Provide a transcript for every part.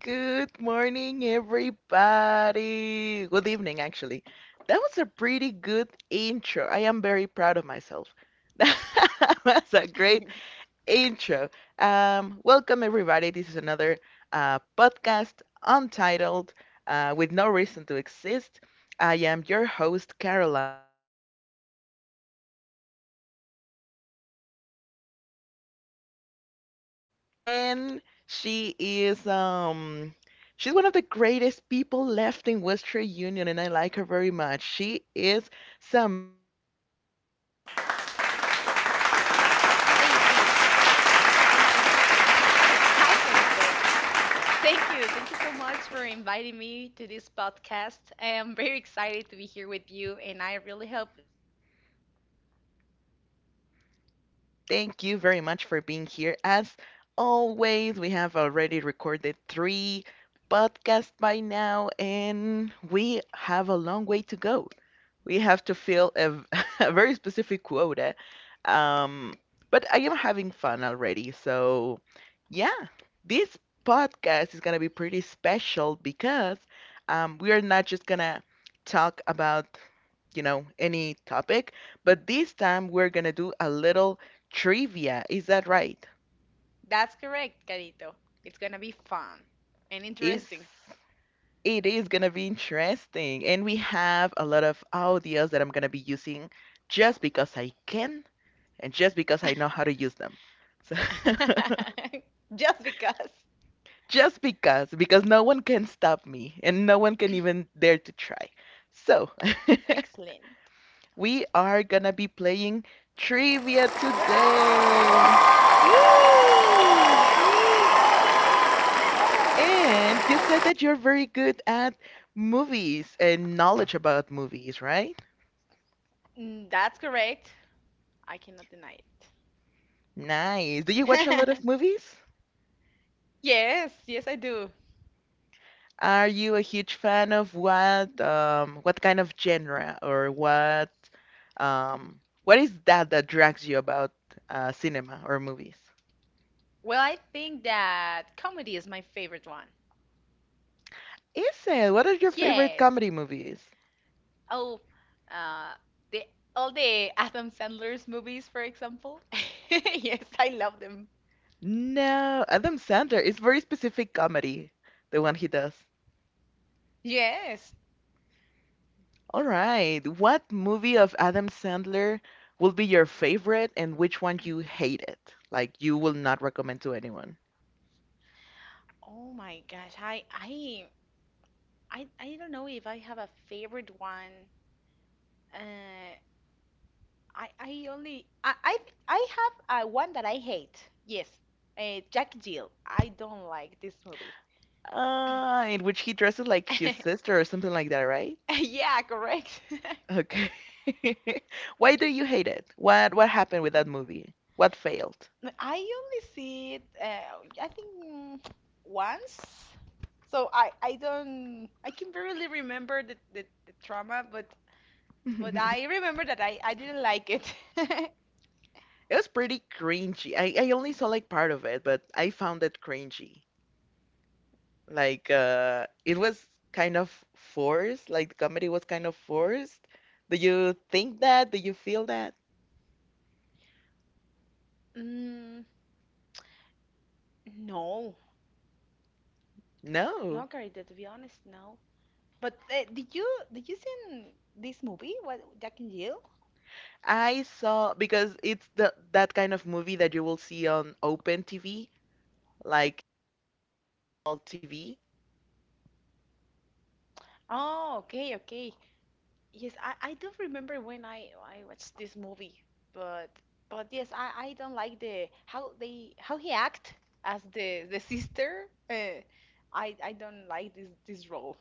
Good morning, everybody. Good evening, actually. That was a pretty good intro. I am very proud of myself. That was a great intro. Welcome, everybody. This is another podcast untitled with no reason to exist. I am your host, Carolina, and I am here again with a very special guest that I am quite enjoying her company. And she is, she's one of the greatest people left in Western Union, and I like her very much. She is Samantha. Welcome back, Samantha. How are you? Thank you. Thank you. Hi, Carito. Thank you. Thank you so much for inviting me to this podcast. I am very excited to be here with you, and I really hope I have a good luck. Thank you very much for being here. As always, we have already recorded three podcasts by now, and we have a long way to go. We have to fill a very specific quota. Um, but I am having fun already. So, yeah, this podcast is going to be pretty special because we are not just going to talk about any topic. But this time we're gonna do a little trivia. Is that right? That's correct, Carito. It's gonna be fun and It's interesting. it is gonna be interesting, and we have a lot of audios that I'm gonna be using just because I can and just because I know how to use them. So Just because. just because no one can stop me and no one can even dare to try. So Excellent. we are gonna be playing trivia today. Woo! Woo. And you said that you're very good at movies and knowledge about movies, right? That's correct. I cannot deny Nice. Do you watch a lot it. of movies? Yes, I do. Are you a huge fan of what kind of genre or what is that that drags you about cinema or movies? Well, I think that comedy is my favorite one. Is it? What are your favorite Yes. comedy movies? Oh, uh, the all the Adam Sandler's movies, for example. Yes, I love them. No, Adam Sandler. It's very specific comedy, the one he does. Yes. All right. What movie of Adam Sandler will be your favorite and which one you hate it? Like you will not recommend to anyone. Oh my gosh. I don't know if I have a favorite one. Uh, I only I have one that I hate. Yes. Jack Jill. I don't like this movie. Ah, in which he dresses like his sister or something like that, right? Yeah, correct. Okay. Why do you hate it? What happened with that movie? What failed? I only see it, I think, once. So I don't, I can barely remember the trauma, but I remember that I didn't like it. It was pretty cringy. I only saw like part of it, but I found it cringy. Like it was kind of forced, like the comedy was kind of forced. Do you think that? Do you feel that? Mm, no, No. no, Carita, to be honest, no. But did you did you see this movie? What Jack and Jill? I saw because it's the that kind of movie that you will see on open TV, like Oh, okay. Yes, I don't remember when I watched this movie, but but yes, I don't like the how they how he act as the sister. Uh, I don't like this role.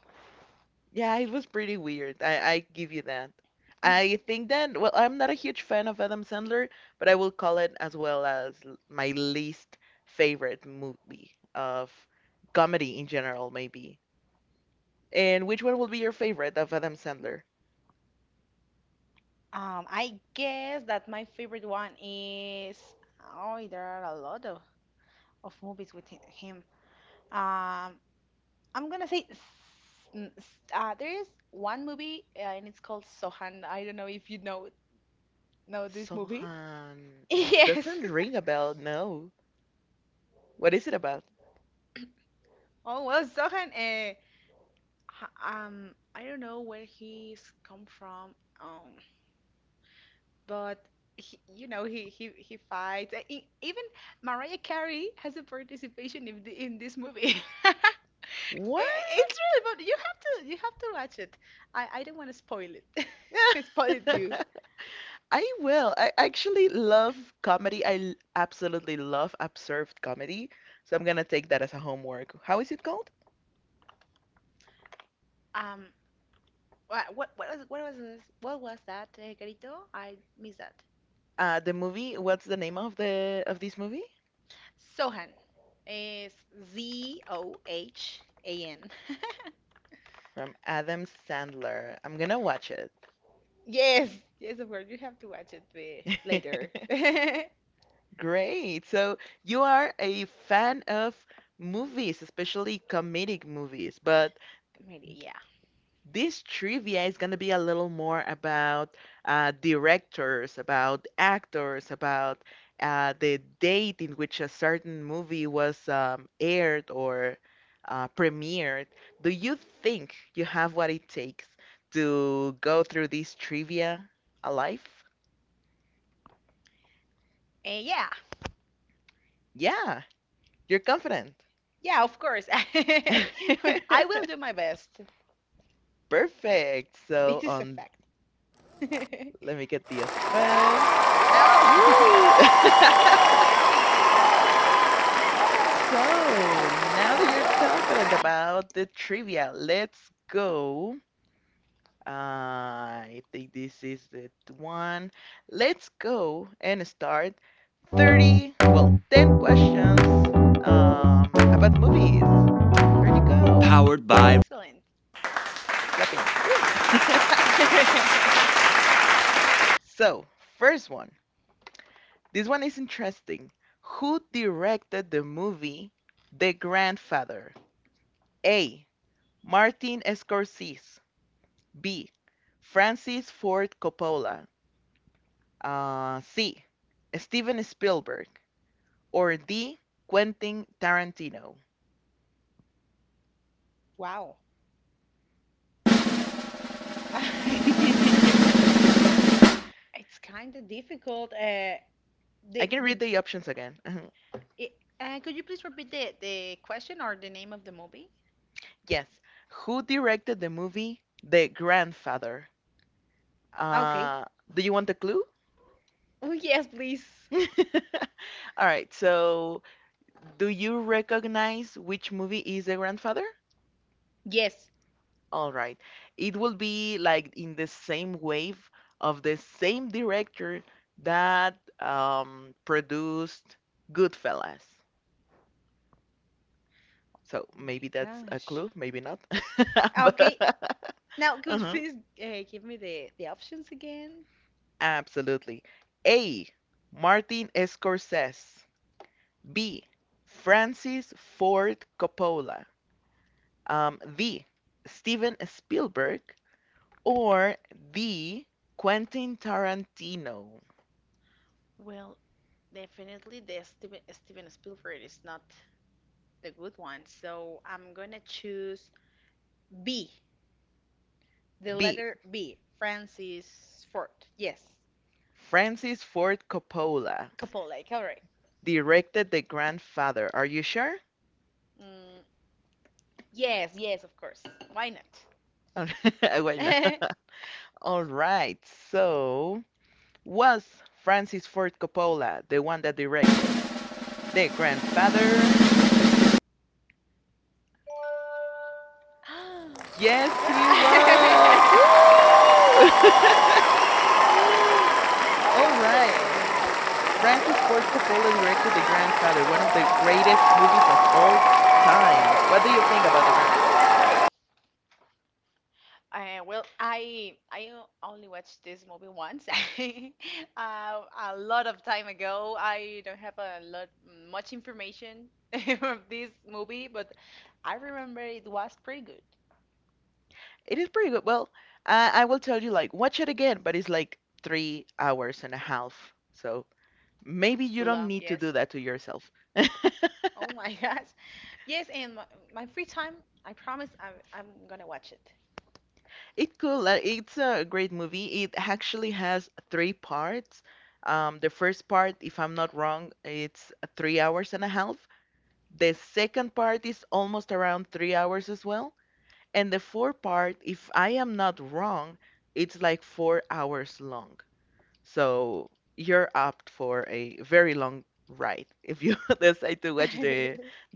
I guess that my favorite one is oh, there are a lot of movies with him. Um, I'm gonna say there is one movie and it's called Sohan. I don't know if you know this movie. Yes. Oh well, Sohan, I don't know where he's come from, um, but he, you know, he fights. Even Mariah Carey has a participation in this movie. I- It's really, but you have to watch it. I don't want to spoil it. Spoil it you. Um, what was this? What was that, Carito? I missed that. Sohan is Zohan. Yes, yes, of course. You have to watch it later. Maybe, yeah. And yeah, yeah, of course. I will do my best. This is a fact. Oh, thank you, thank you. Excellent. Wow. It's kind of difficult. The the it, could you please repeat the question or the name of the movie? Okay. Oh, yes, please. Yes. My gosh. Okay, now, could you please give me the options again? Well, definitely the Steven Spielberg is not the good one, so I'm gonna choose B, the letter B, Francis Ford. Yes, Coppola, correct. Mm, yes, yes, of course. Why not? Woo, excellent. Well, I only watched this movie once, uh, a lot of time ago. I don't have a lot much information of this movie, but I remember it was pretty good. It's long, yes. Oh my gosh, yes. And my free time, I promise, I'm gonna watch it.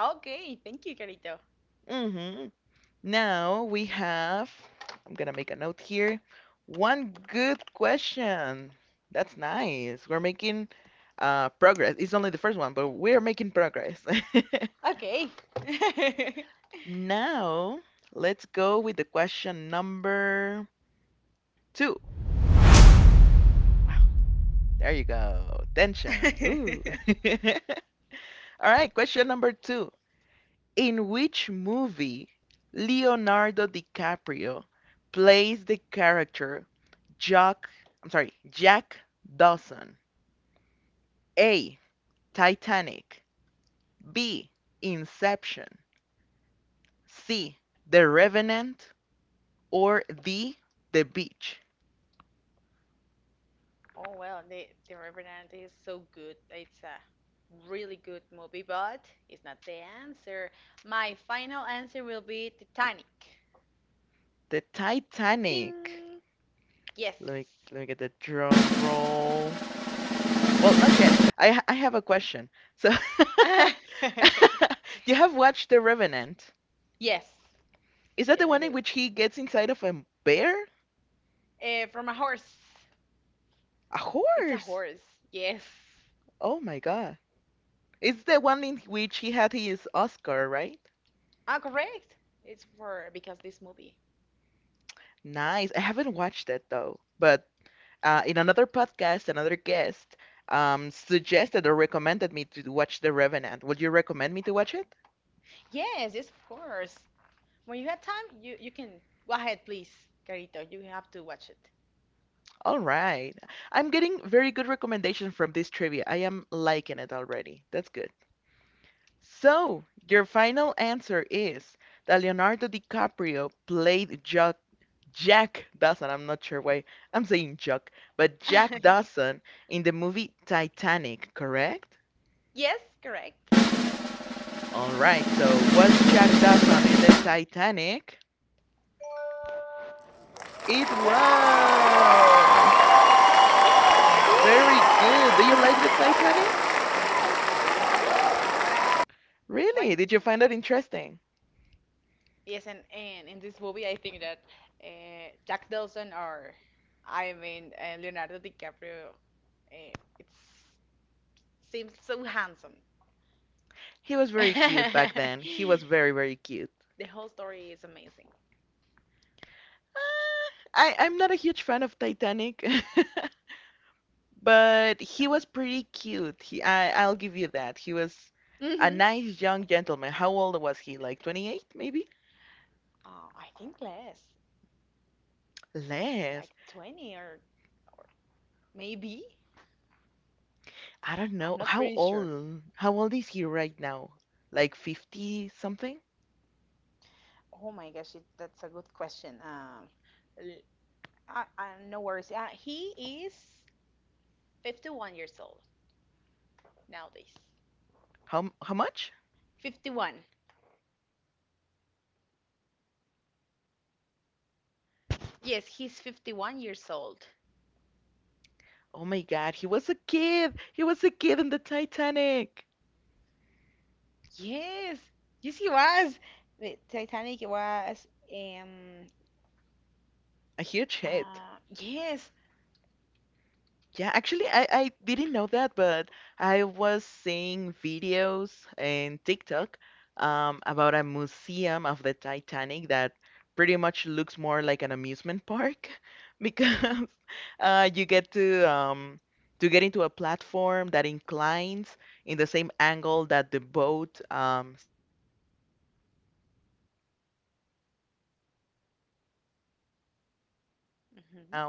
Okay, thank you, Carito. Okay. Wow. Oh well, the Revenant is so good. It's a really good movie, but it's not the answer. My final answer will be Titanic. Ding! Yes. Yes. Yes, I do. From a horse. It's a horse. Yes. Ah, correct. It's for because this movie. Yes, yes, of course. When you have time, you can go ahead, please, Carito. You have to watch it. Yes, correct. Woo. Yes, I do. Why? Yes, and in this movie, I think that Jack Dawson or I mean Leonardo DiCaprio, it seems so handsome. The whole story is amazing. Oh. hmm I think less, like 20 or maybe. I'm not pretty sure. Oh my gosh, that's a good question. L- no worries. He is 51 years old nowadays. 51. Yes, he's 51 years old. Yes, yes, he was. The Titanic was, um, yes. hmm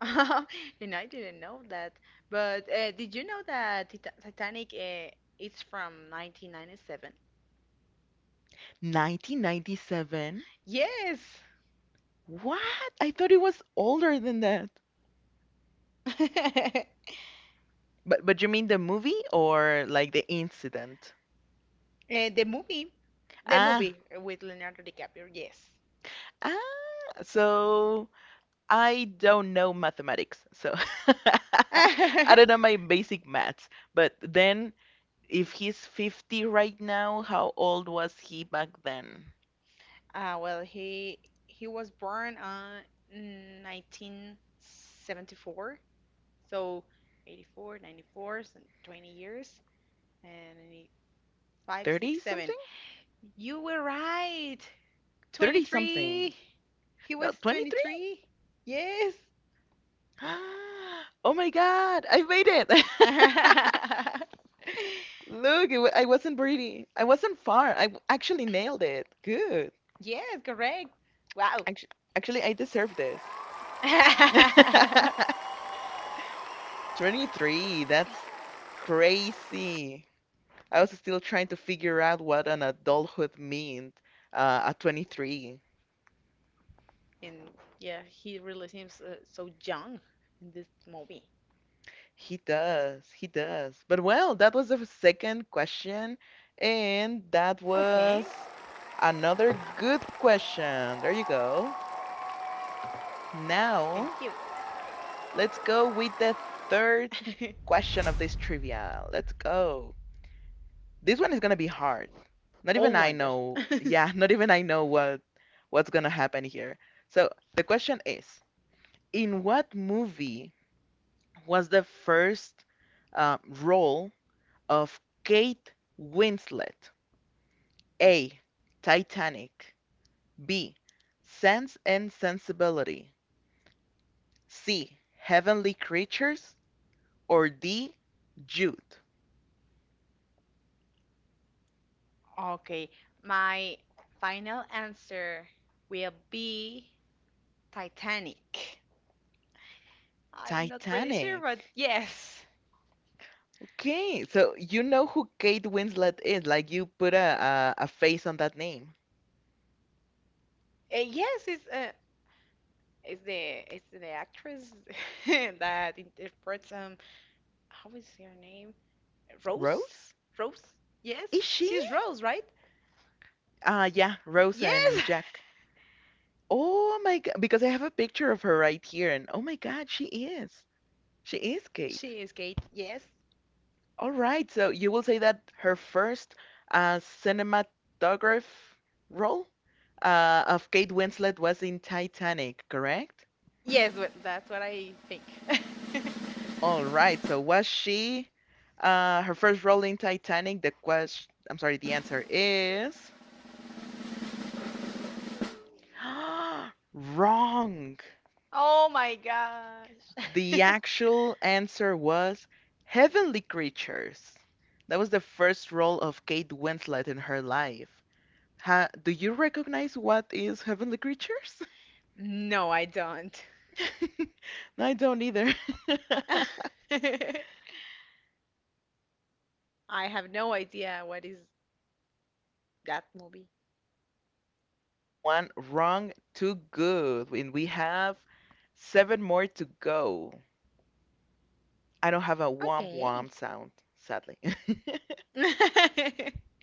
And I didn't know that. But did you know that Titanic it's from 1997? Yes. The movie. The movie with Leonardo DiCaprio, yes. Well, he was born on 1974, so 84, 94, so 20 years, and five, six, seven. You were right. 23. He was 23. Yes. Yes, correct. Wow. And yeah, he really seems so young in this movie. Okay, thank you. Oh my gosh. Okay, my final answer will be Titanic. I'm not pretty sure, but yes, yes, it's it's the actress that interprets how is her name? Rose? Rose? Yes, she's Rose, right? Yes, she is Kate. Yes, yes, well, that's what I think. Mm. Oh my gosh. No, I don't. I have no idea what is that movie. Okay.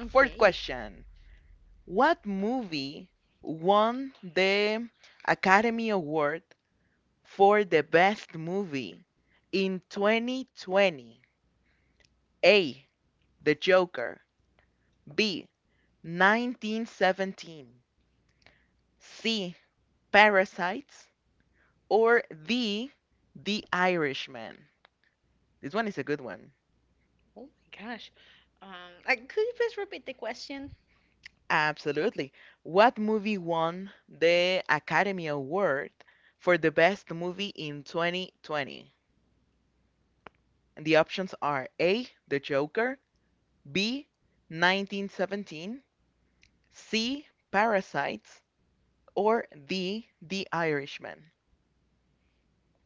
Okay. Oh my gosh. Um, could you please repeat the question?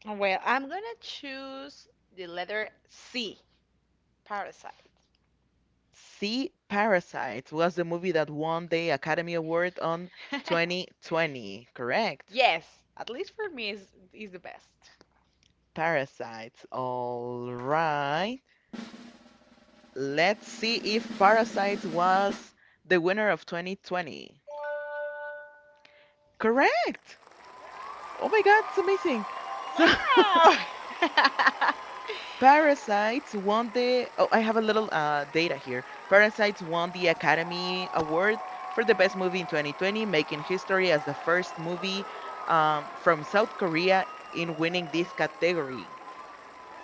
Oh, Well, I'm gonna choose the letter C, Parasite. Yes, at least for me is the best. Wow!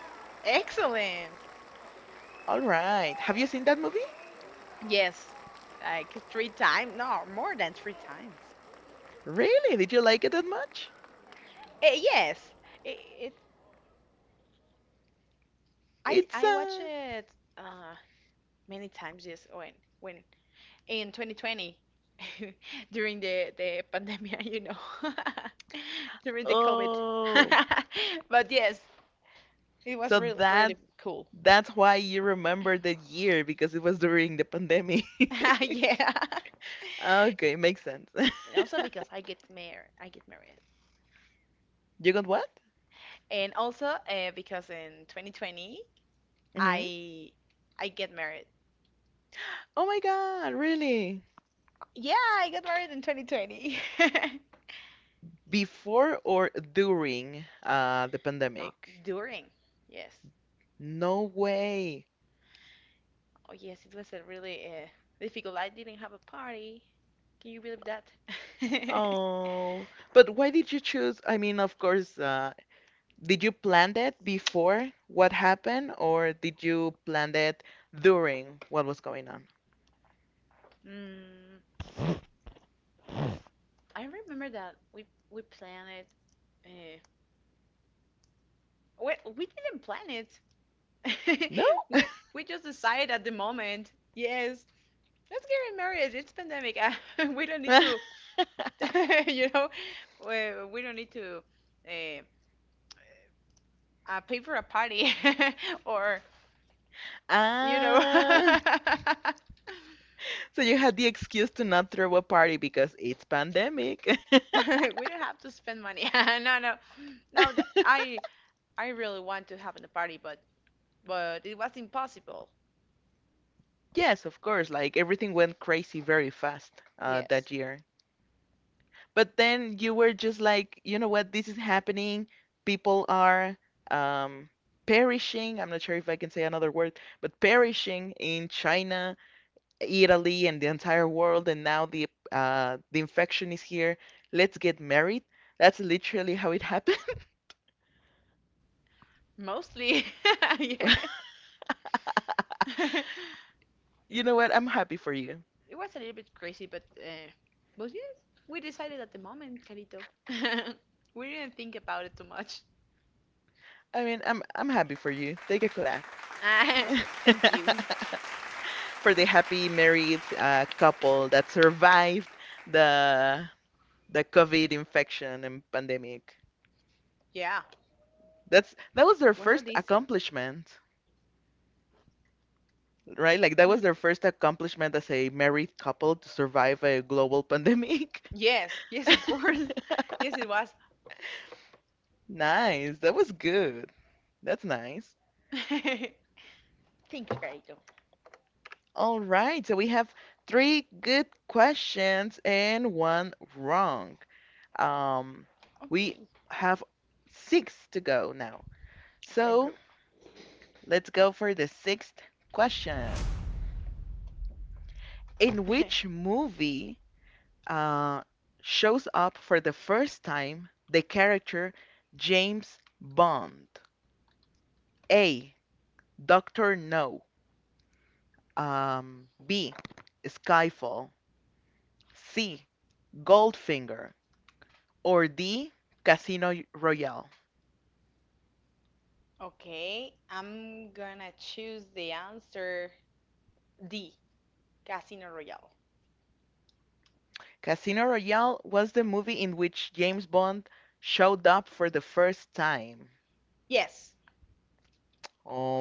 Excellent. Yes, like three times, no, more than three times. Eh, yes, it, it, I watch it uh, many times. Yes, when in 2020 during the pandemic, you know, during the COVID. But yes, it was really cool. Yeah, and also because I get married, and also because in 2020 I I get married. Yeah, I got married in 2020. Not during. Yes. Oh yes, it was a really difficult. I didn't have a party. Can you believe that? Mm, I remember that we planned it. Uh, we didn't plan it. We we just decided at the moment. Yes, let's get married. It's pandemic. We don't need to, you know, we don't need to uh, pay for a party or you know. We don't have to spend money. No, no, no. I really want to have a party, but it was impossible. Yes, mostly. Yes, it was a little bit crazy, but yes, we decided at the moment, Carito. We didn't think about it too much. Thank you. Yeah, was not easy. Mhm. Yes, yes, of course. Yes, it was. Thank you, Carito. Okay, I can improve. Okay, I'm gonna choose the answer D, Casino Royale. Yes,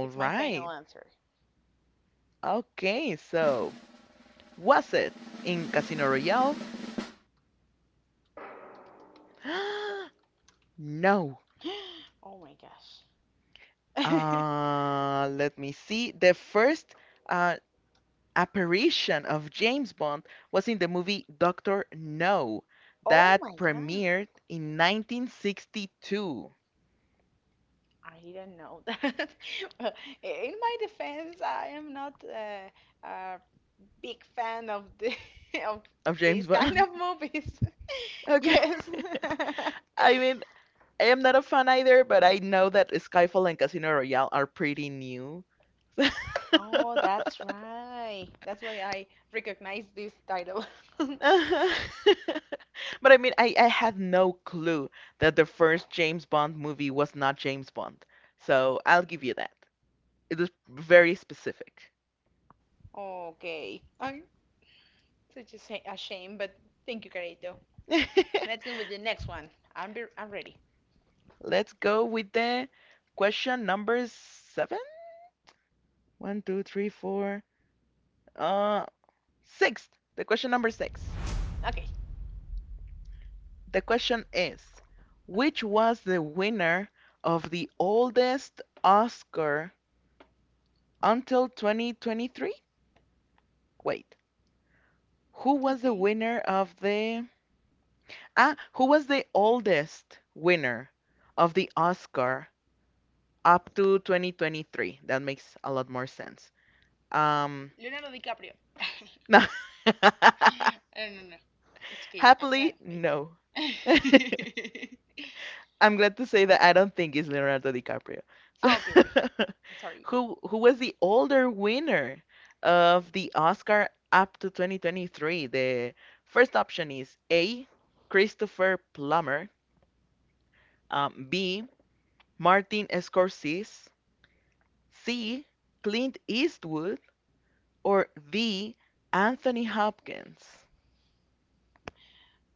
it's my final answer. Oh my gosh. Oh my God, I didn't know that. Well, in my defense, I am not a big fan of the of these kind of movies. Yes. Oh, that's right. That's why I recognize this title. Okay. I Such a a shame, but thank you, Carito. Let's go with the next one. I'm ready. Six? Okay. Okay. Leonardo DiCaprio. I don't know. It's okay. I'm gonna wait. Oh, okay, okay. I'm sorry.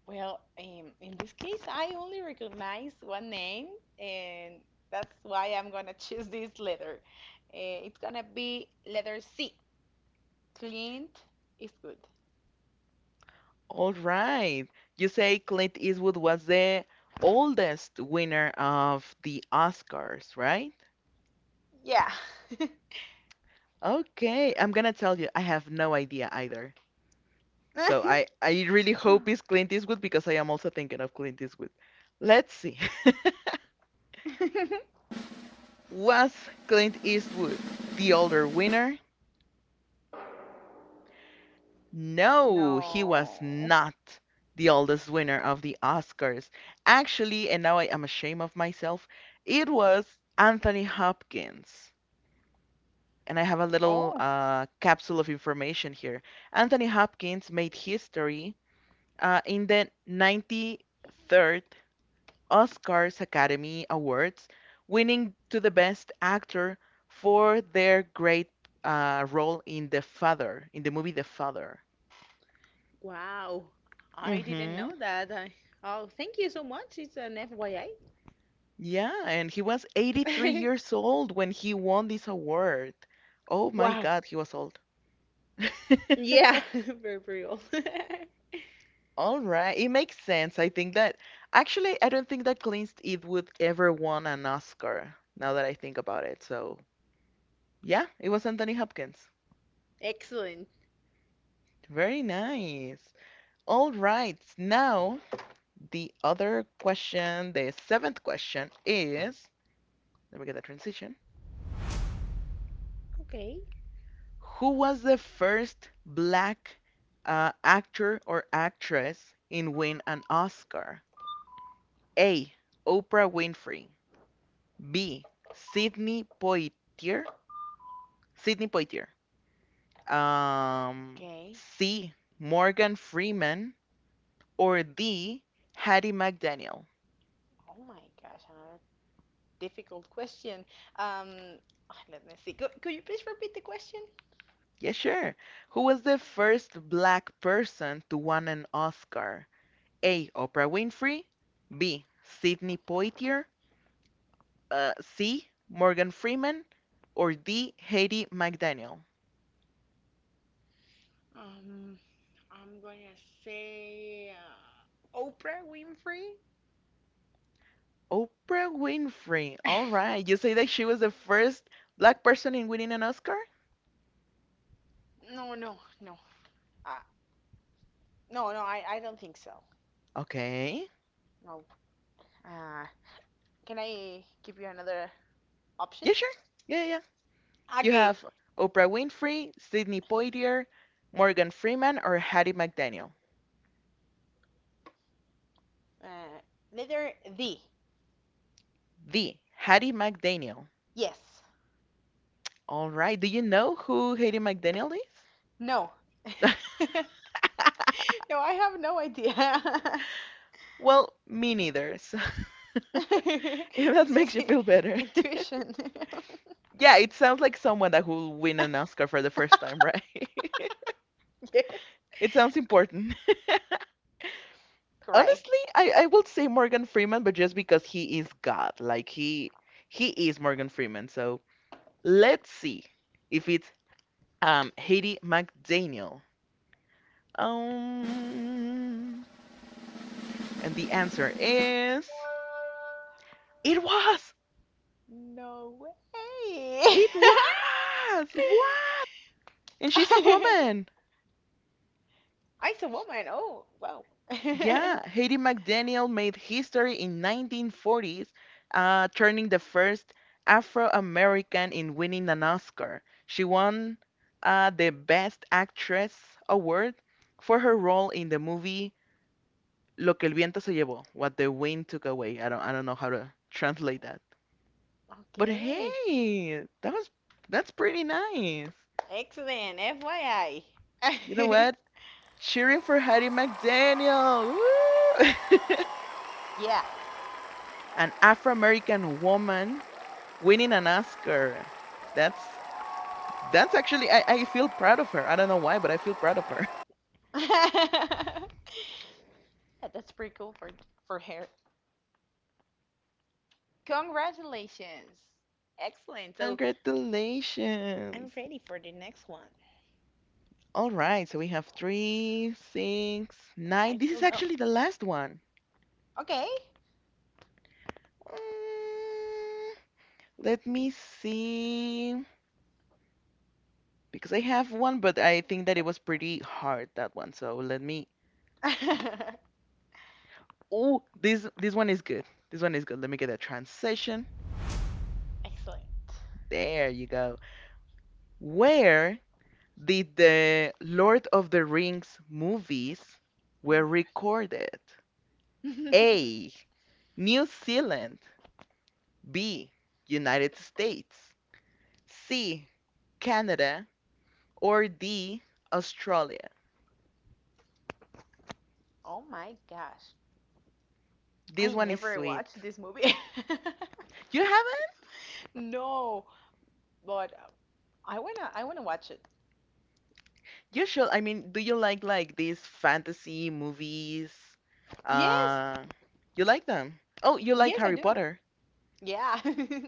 Well, in this case, I only recognize one name, and that's why I'm gonna choose this letter. Uh, it's gonna be letter C. Clint is good. Yeah. No. Oh, wow. I didn't know that. Oh, thank you so much. It's an FYI. Wow. Yeah, very real. Excellent. Okay. Okay. Oh my gosh, another difficult question. Um, let me see. Could you please repeat the question? Um, I'm gonna say Oprah Winfrey. No, no, no. Uh, no, no, I don't think so. No. Uh, can I give you another option? Okay. Uh, letter D. Yes. No. no, I have no idea. it's just intuition. yes. Great. No way. I'm a woman. Oh, wow. okay. Excellent. FYI. yeah. Yeah, that's pretty cool for her. Congratulations. Excellent. So I'm ready for the next one. I feel no. Okay. Excellent. Oh my god. oh my gosh. I never watched this movie. no, but I wanna watch it. Yes. Yes, I do. Yeah.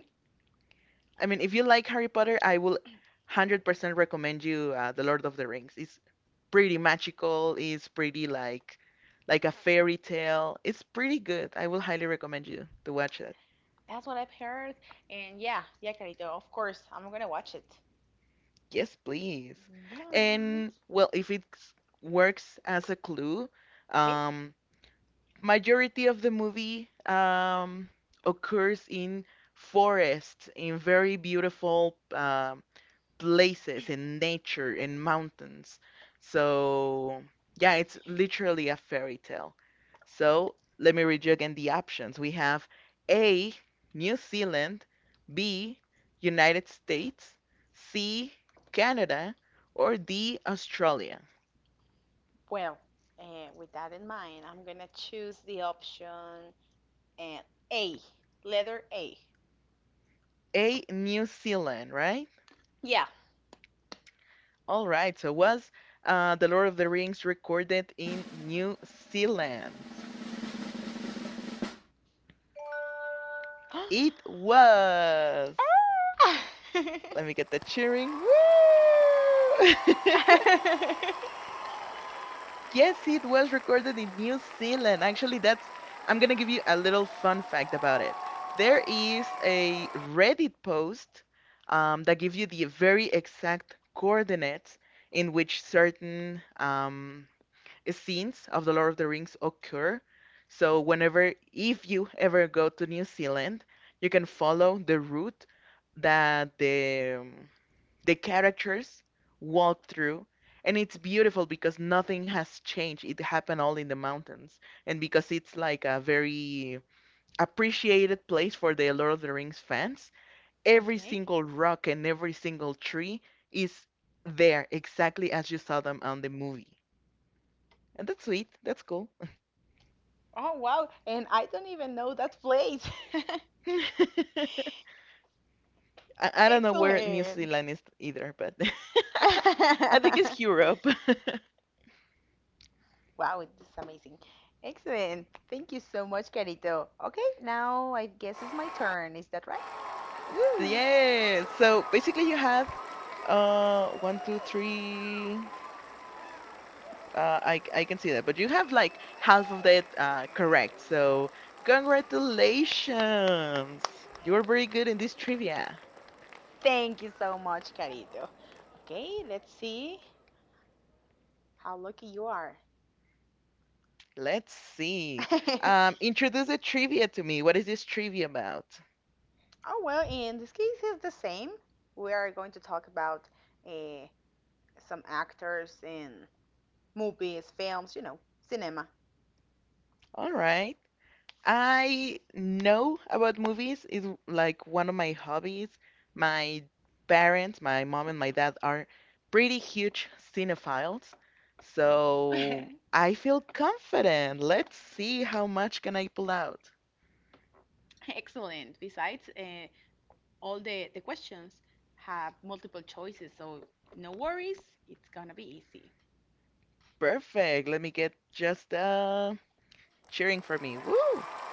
That's what I've heard. And yeah, yeah, Carito, of course, I'm gonna watch it. But okay. Well, uh, with that in mind, I'm gonna choose the option and A, letter A. Yeah. Ah! Okay. No way. Oh, wow. And I don't even know that place. Excellent. Wow, this is amazing. Excellent. Thank you so much, Carito. Okay, now I guess it's my turn. Is that right? Ooh. Thank you so much, Carito. Okay, let's see how lucky you are. oh, well, in this case, it's the same. We are going to talk about uh, some actors in movies, films, you know, cinema. Excellent. Besides, all the questions have multiple choices, so no worries, it's gonna be easy.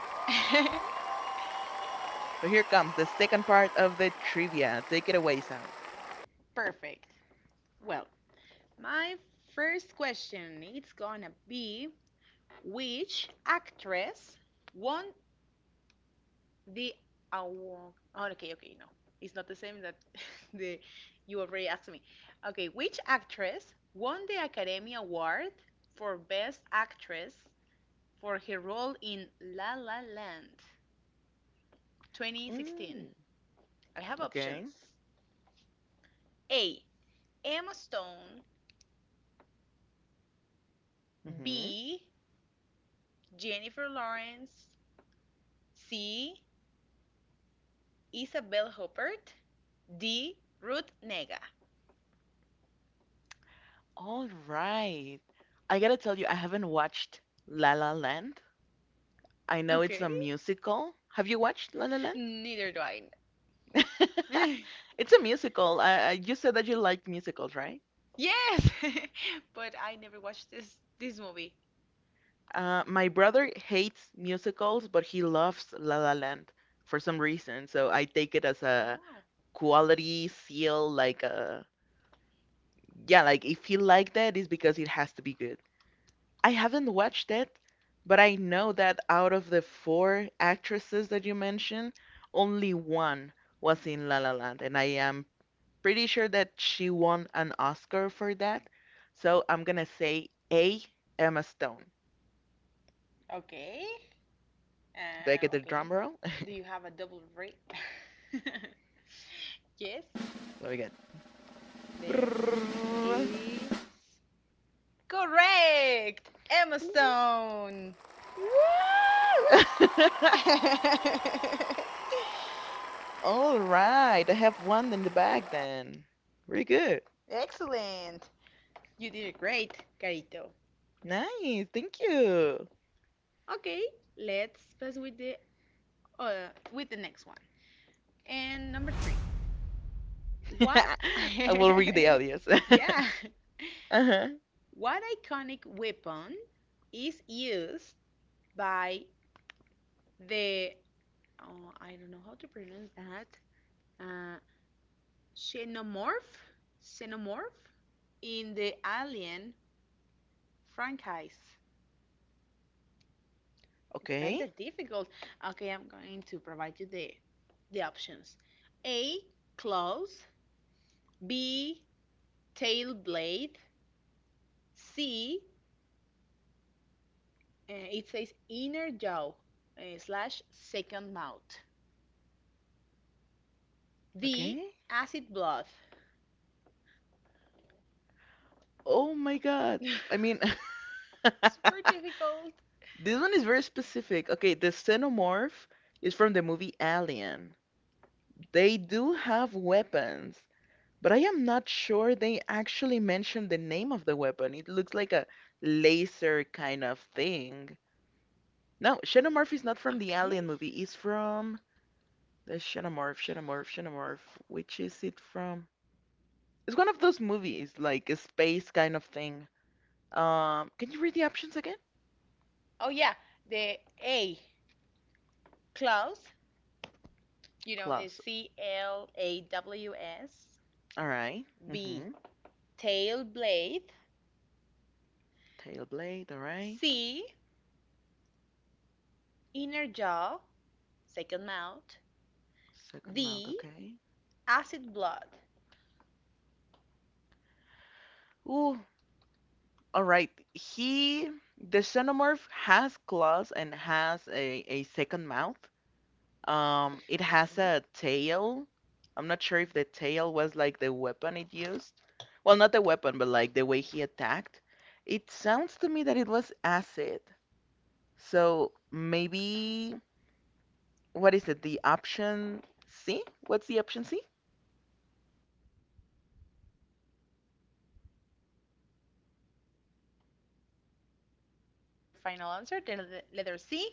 Perfect. Well, my first question it's gonna be which actress won the award? Oh, okay, okay, no, it's not the same that the you already asked me. Okay, which actress won the Academy Award for Best Actress for her role in La La Land 2016? I have options. A. Emma Stone. B. Jennifer Lawrence. C. Isabel Huppert. D. Ruth Nega. Okay. Neither do I. Yes, but I never watched this movie. Wow. Okay. Okay. Do you have a double rate? Yes, the is correct. Emma Stone. Excellent. You did it great, Carito. Okay, let's pass with the next one. And number three. What? Yeah. What iconic weapon is used by the, oh, I don't know how to pronounce that, uh, xenomorph? Xenomorph? In the Alien franchise. It's kind of difficult. Okay, I'm going to provide you the options. A, claws. B, tail blade. C, it says inner jaw slash second mouth. D, acid blood. Super difficult. Okay. I don't know. Oh yeah, the A, claws. You know, is CLAWS. B, tail blade. C, inner jaw, second mouth. D, acid blood. Okay. Inner jaw, second mouth. Okay, is that your final answer? The letter C.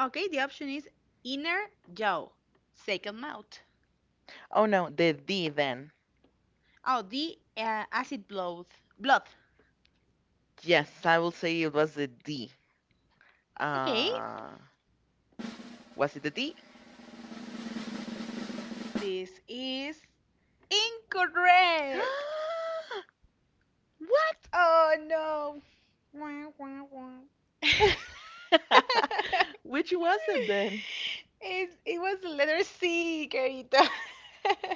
Okay, the option is inner jaw. Second mouth. Oh, the acid blood. Blood. Okay, this is incorrect. Oh no. It was the letter C, Carita.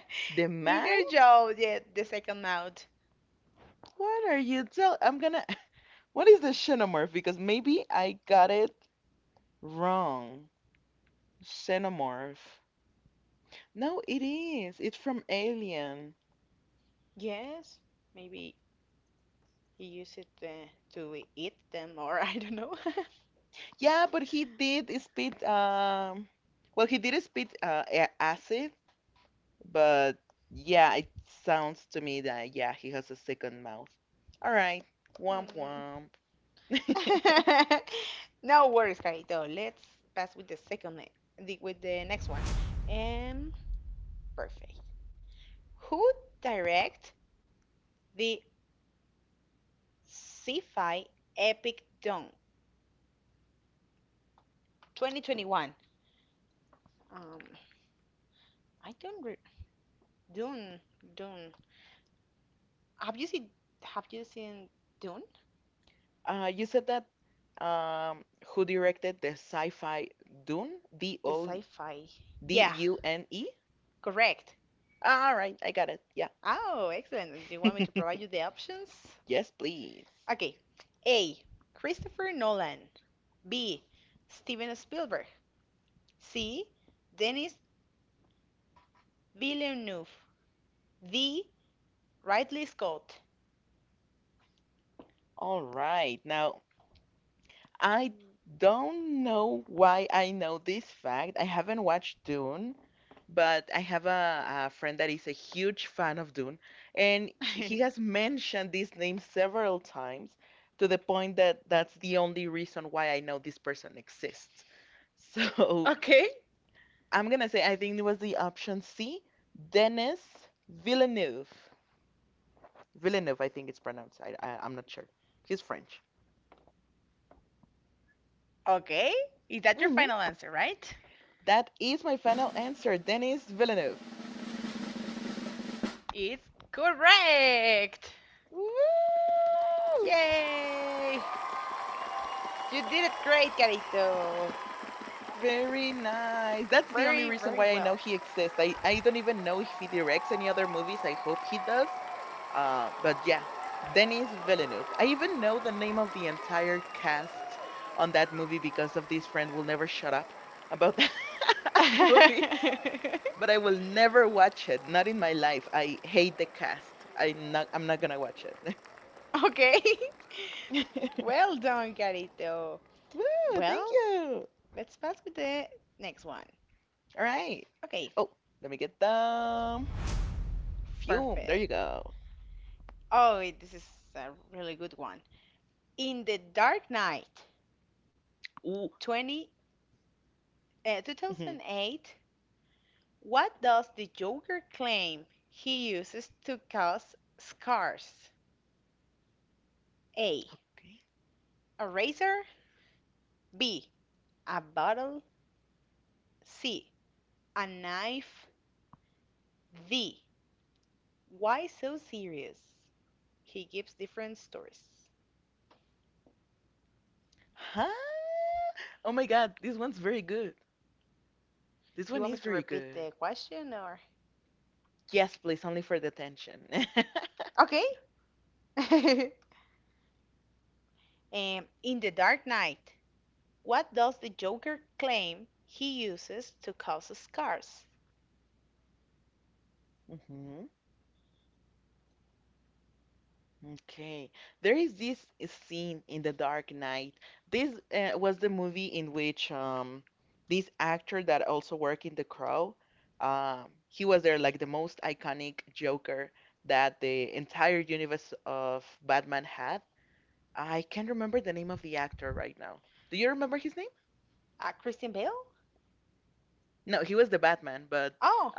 Inner jaw, yeah, the second mouth. Yes, maybe he use it to eat them, or I don't know. Mm. No worries, Carito. Let's pass with the with the next one. Um, Perfect. Who direct the sci-fi epic Dune 2021? Um, I don't re Dune, Dune. Have you seen Have you seen Dune? The sci-fi. Yeah, correct. Oh, excellent. Do you want me to provide you the options? Okay. A. Christopher Nolan. B. Steven Spielberg. C. Denis Villeneuve. D. Ridley Scott. Okay. Okay. Is that your final answer, right? It's correct. Yay! You did it great, Carito. Very, very well. Okay. Well done, Carito. Well, let's pass with the next one. Okay, perfect. Oh, wait, this is a really good one. In The Dark Knight, 20, uh, 2008, what does the Joker claim he uses to cause scars? A. A razor. B. A bottle. C. A knife. D. Why so serious? He gives different stories. You want me to repeat the question or? Okay. In The Dark Knight, what does the Joker claim he uses to cause scars? Christian Bale? Oh,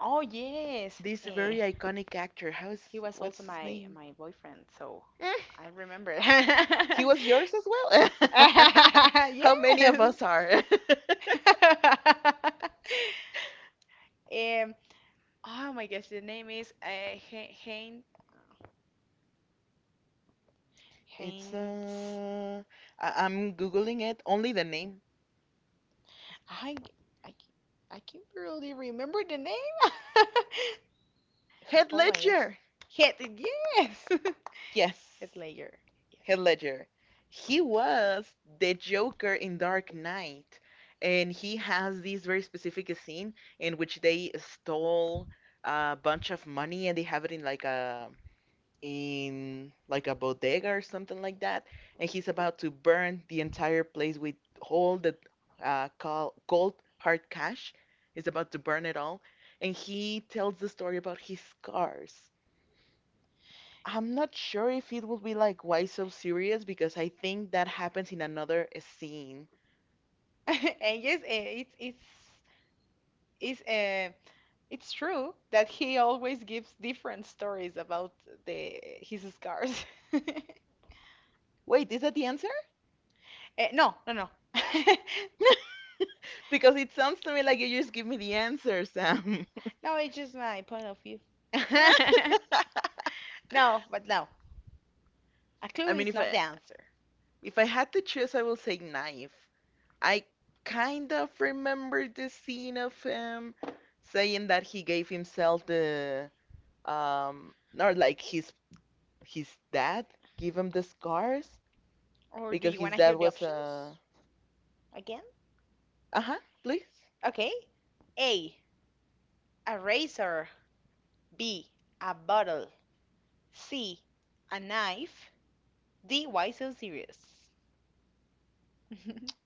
oh yes. Eh, he was also my boyfriend, so I remember. Yes. Um, oh my gosh, the name is Hay- Haynes. I I I can not really remember the name. Oh my gosh. Head, yes. Head layer. Yes. And yes, eh, it's uh, it's true that he always gives different stories about the his scars. Eh, no, no, no. No, it's just my point of view. No, but no. A clue is not the answer. Or do you want to hear the options again? Okay. A, a razor. B, a bottle. C. A knife. D. Why so serious?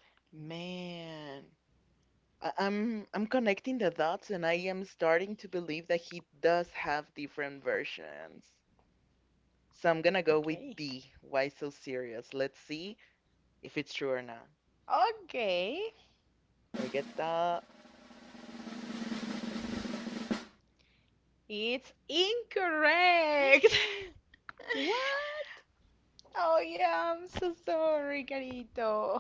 Okay. Okay. It's incorrect. Oh, yeah, I'm so sorry, Carito.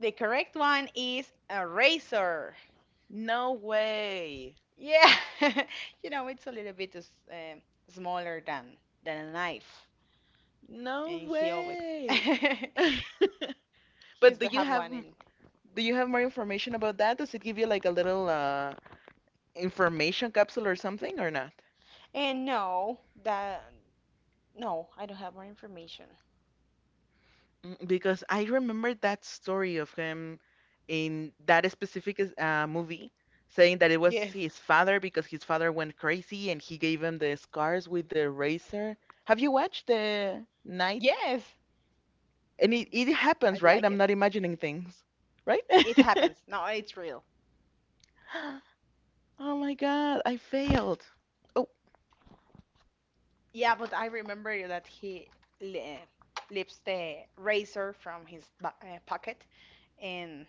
The correct one is a razor. Yeah. You know, it's a little bit smaller than a knife. And he always he used to have one in. And no, that no, I don't have more information. Yes. Yes, I like it. It happens. No, it's real. Yeah, but I remember that he li lifts the razor from his ba pocket, and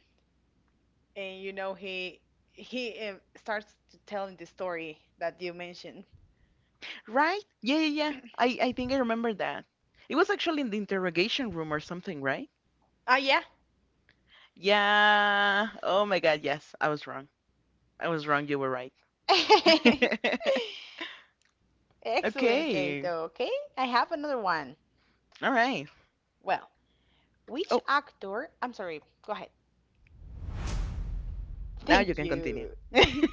and you know he starts to telling the story that you mentioned. Oh yeah. Excellent, Kato. Okay, I have another one. Well, which actor? I'm sorry. Go ahead. Thank you.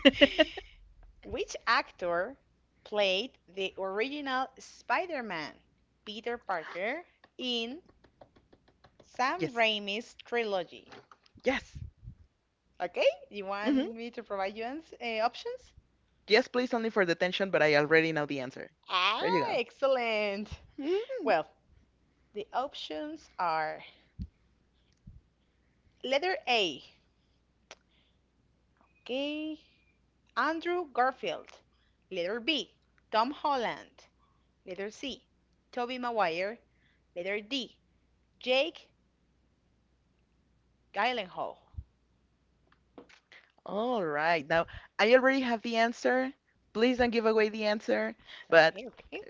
Which actor played the original Spider-Man, Peter Parker, in Sam Raimi's trilogy? Okay, you want me to provide you options? Ah, excellent. Well, the options are letter A, okay, Andrew Garfield. Letter B, Tom Holland. Letter C, Tobey Maguire. Letter D, Jake Gyllenhaal. Okay, okay.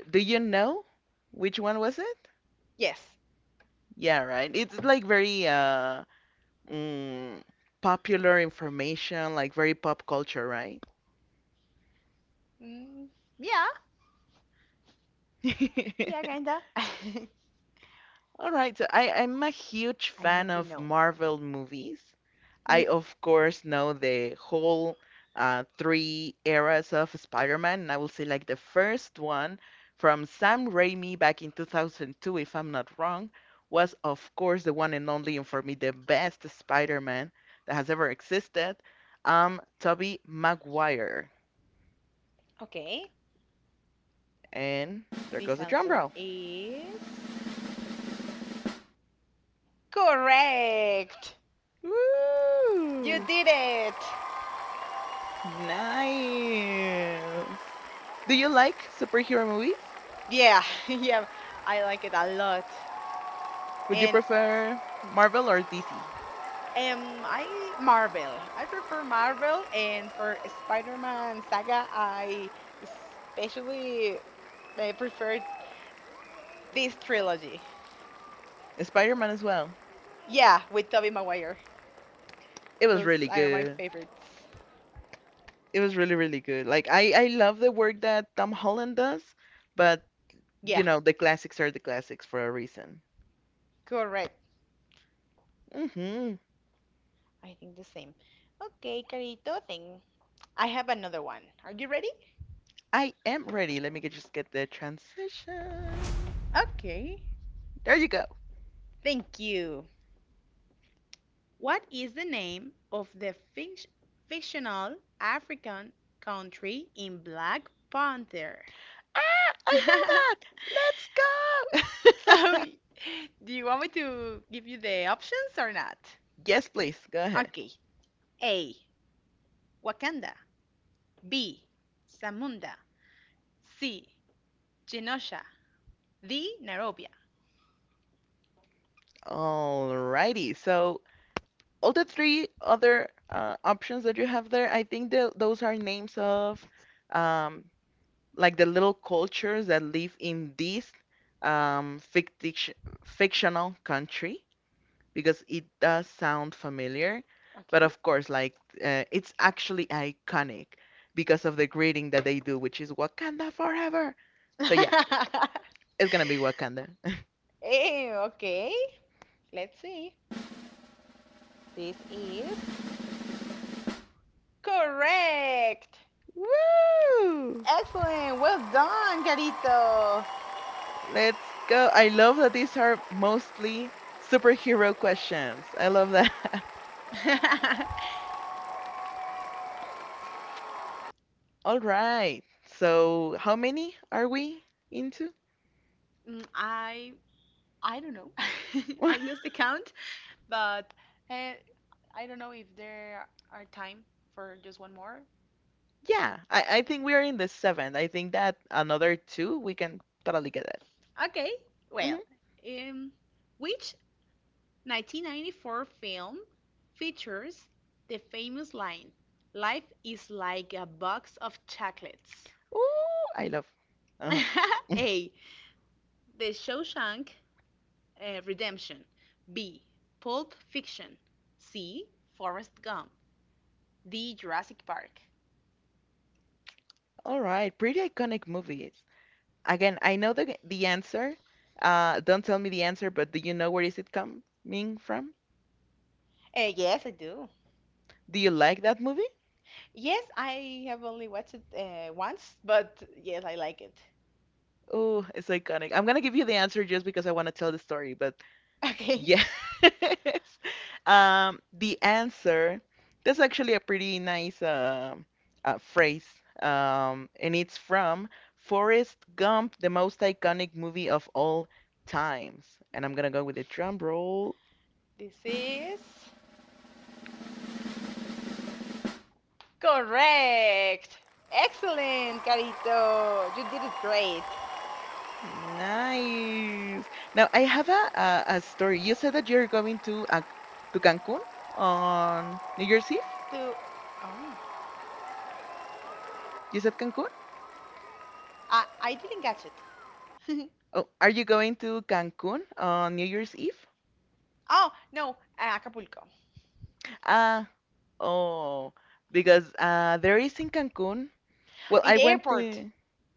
Yes, mm, yeah, yeah, kinda. I know you know. Mm, okay, this answer is correct. You did it. Yeah, yeah. I like it a lot. And I Marvel. I prefer Marvel, and for Spider-Man saga, I especially prefer this trilogy. Yeah, with Tobey Maguire. Those are my favorites. Yeah, correct. I think the same. Okay, Carito, thank. I have another one. Are you ready? Okay. Thank you. What is the name of the fictional African country in Black Panther? So, do you want me to give you the options or not? Okay. A. Wakanda. B. Zamunda. C. Genosha. D. Nairobi. Okay. Eh, okay, let's see. This is correct. Excellent. Well done, Carito. Mm, I don't know. I lost the count, but uh, I don't know if there are time for just one more. Okay, well, um, which 1994 film features the famous line, "Life is like a box of chocolates"? A. The Shawshank Redemption. B. Pulp Fiction. C. Forrest Gump. D. Jurassic Park. Yes, I do. Yes, I have only watched it once, but yes, I like it. Okay, this is correct. Excellent, Carito. You did it great. To oh, I didn't catch it. Oh no, Acapulco in the airport.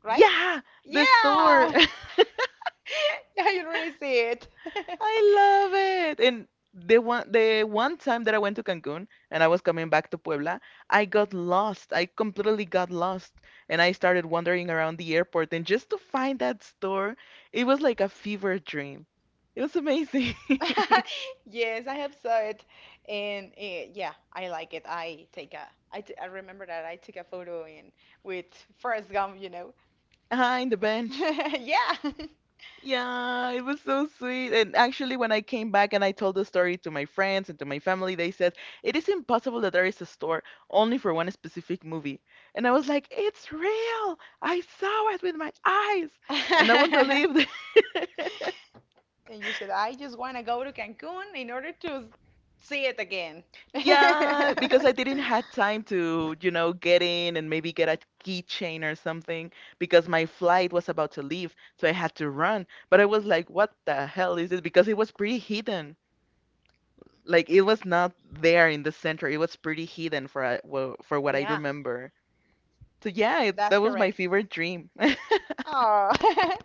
Right? Yeah, yeah, you already see it. Yes, I have saw it, and eh, yeah, I like it. I take a, I, t I remember that I took a photo in with Forrest Gump, you know. Yeah. And you said, I just want to go to Cancun in order to see it again. Yeah, that's correct. Oh,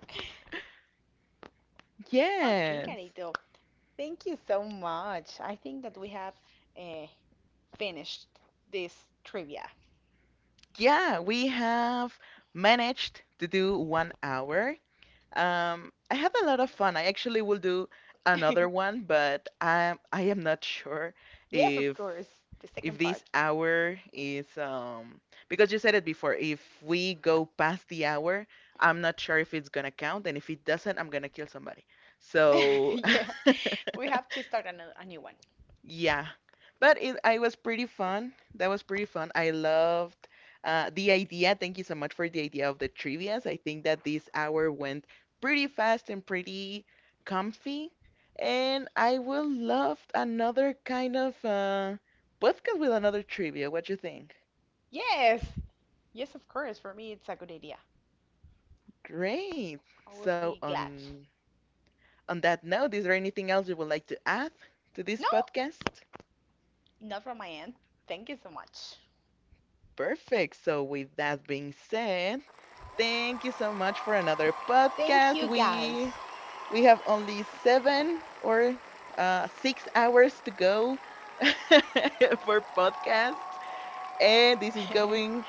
okay, Carito. Thank you so much. I think that we have uh, finished this trivia. Yes, of course. The second part. Yeah, we have to start a new one. Yes, yes, of course. For me, it's a good idea. I will be glad. No, not from my end. Thank you so much. Thank you, guys.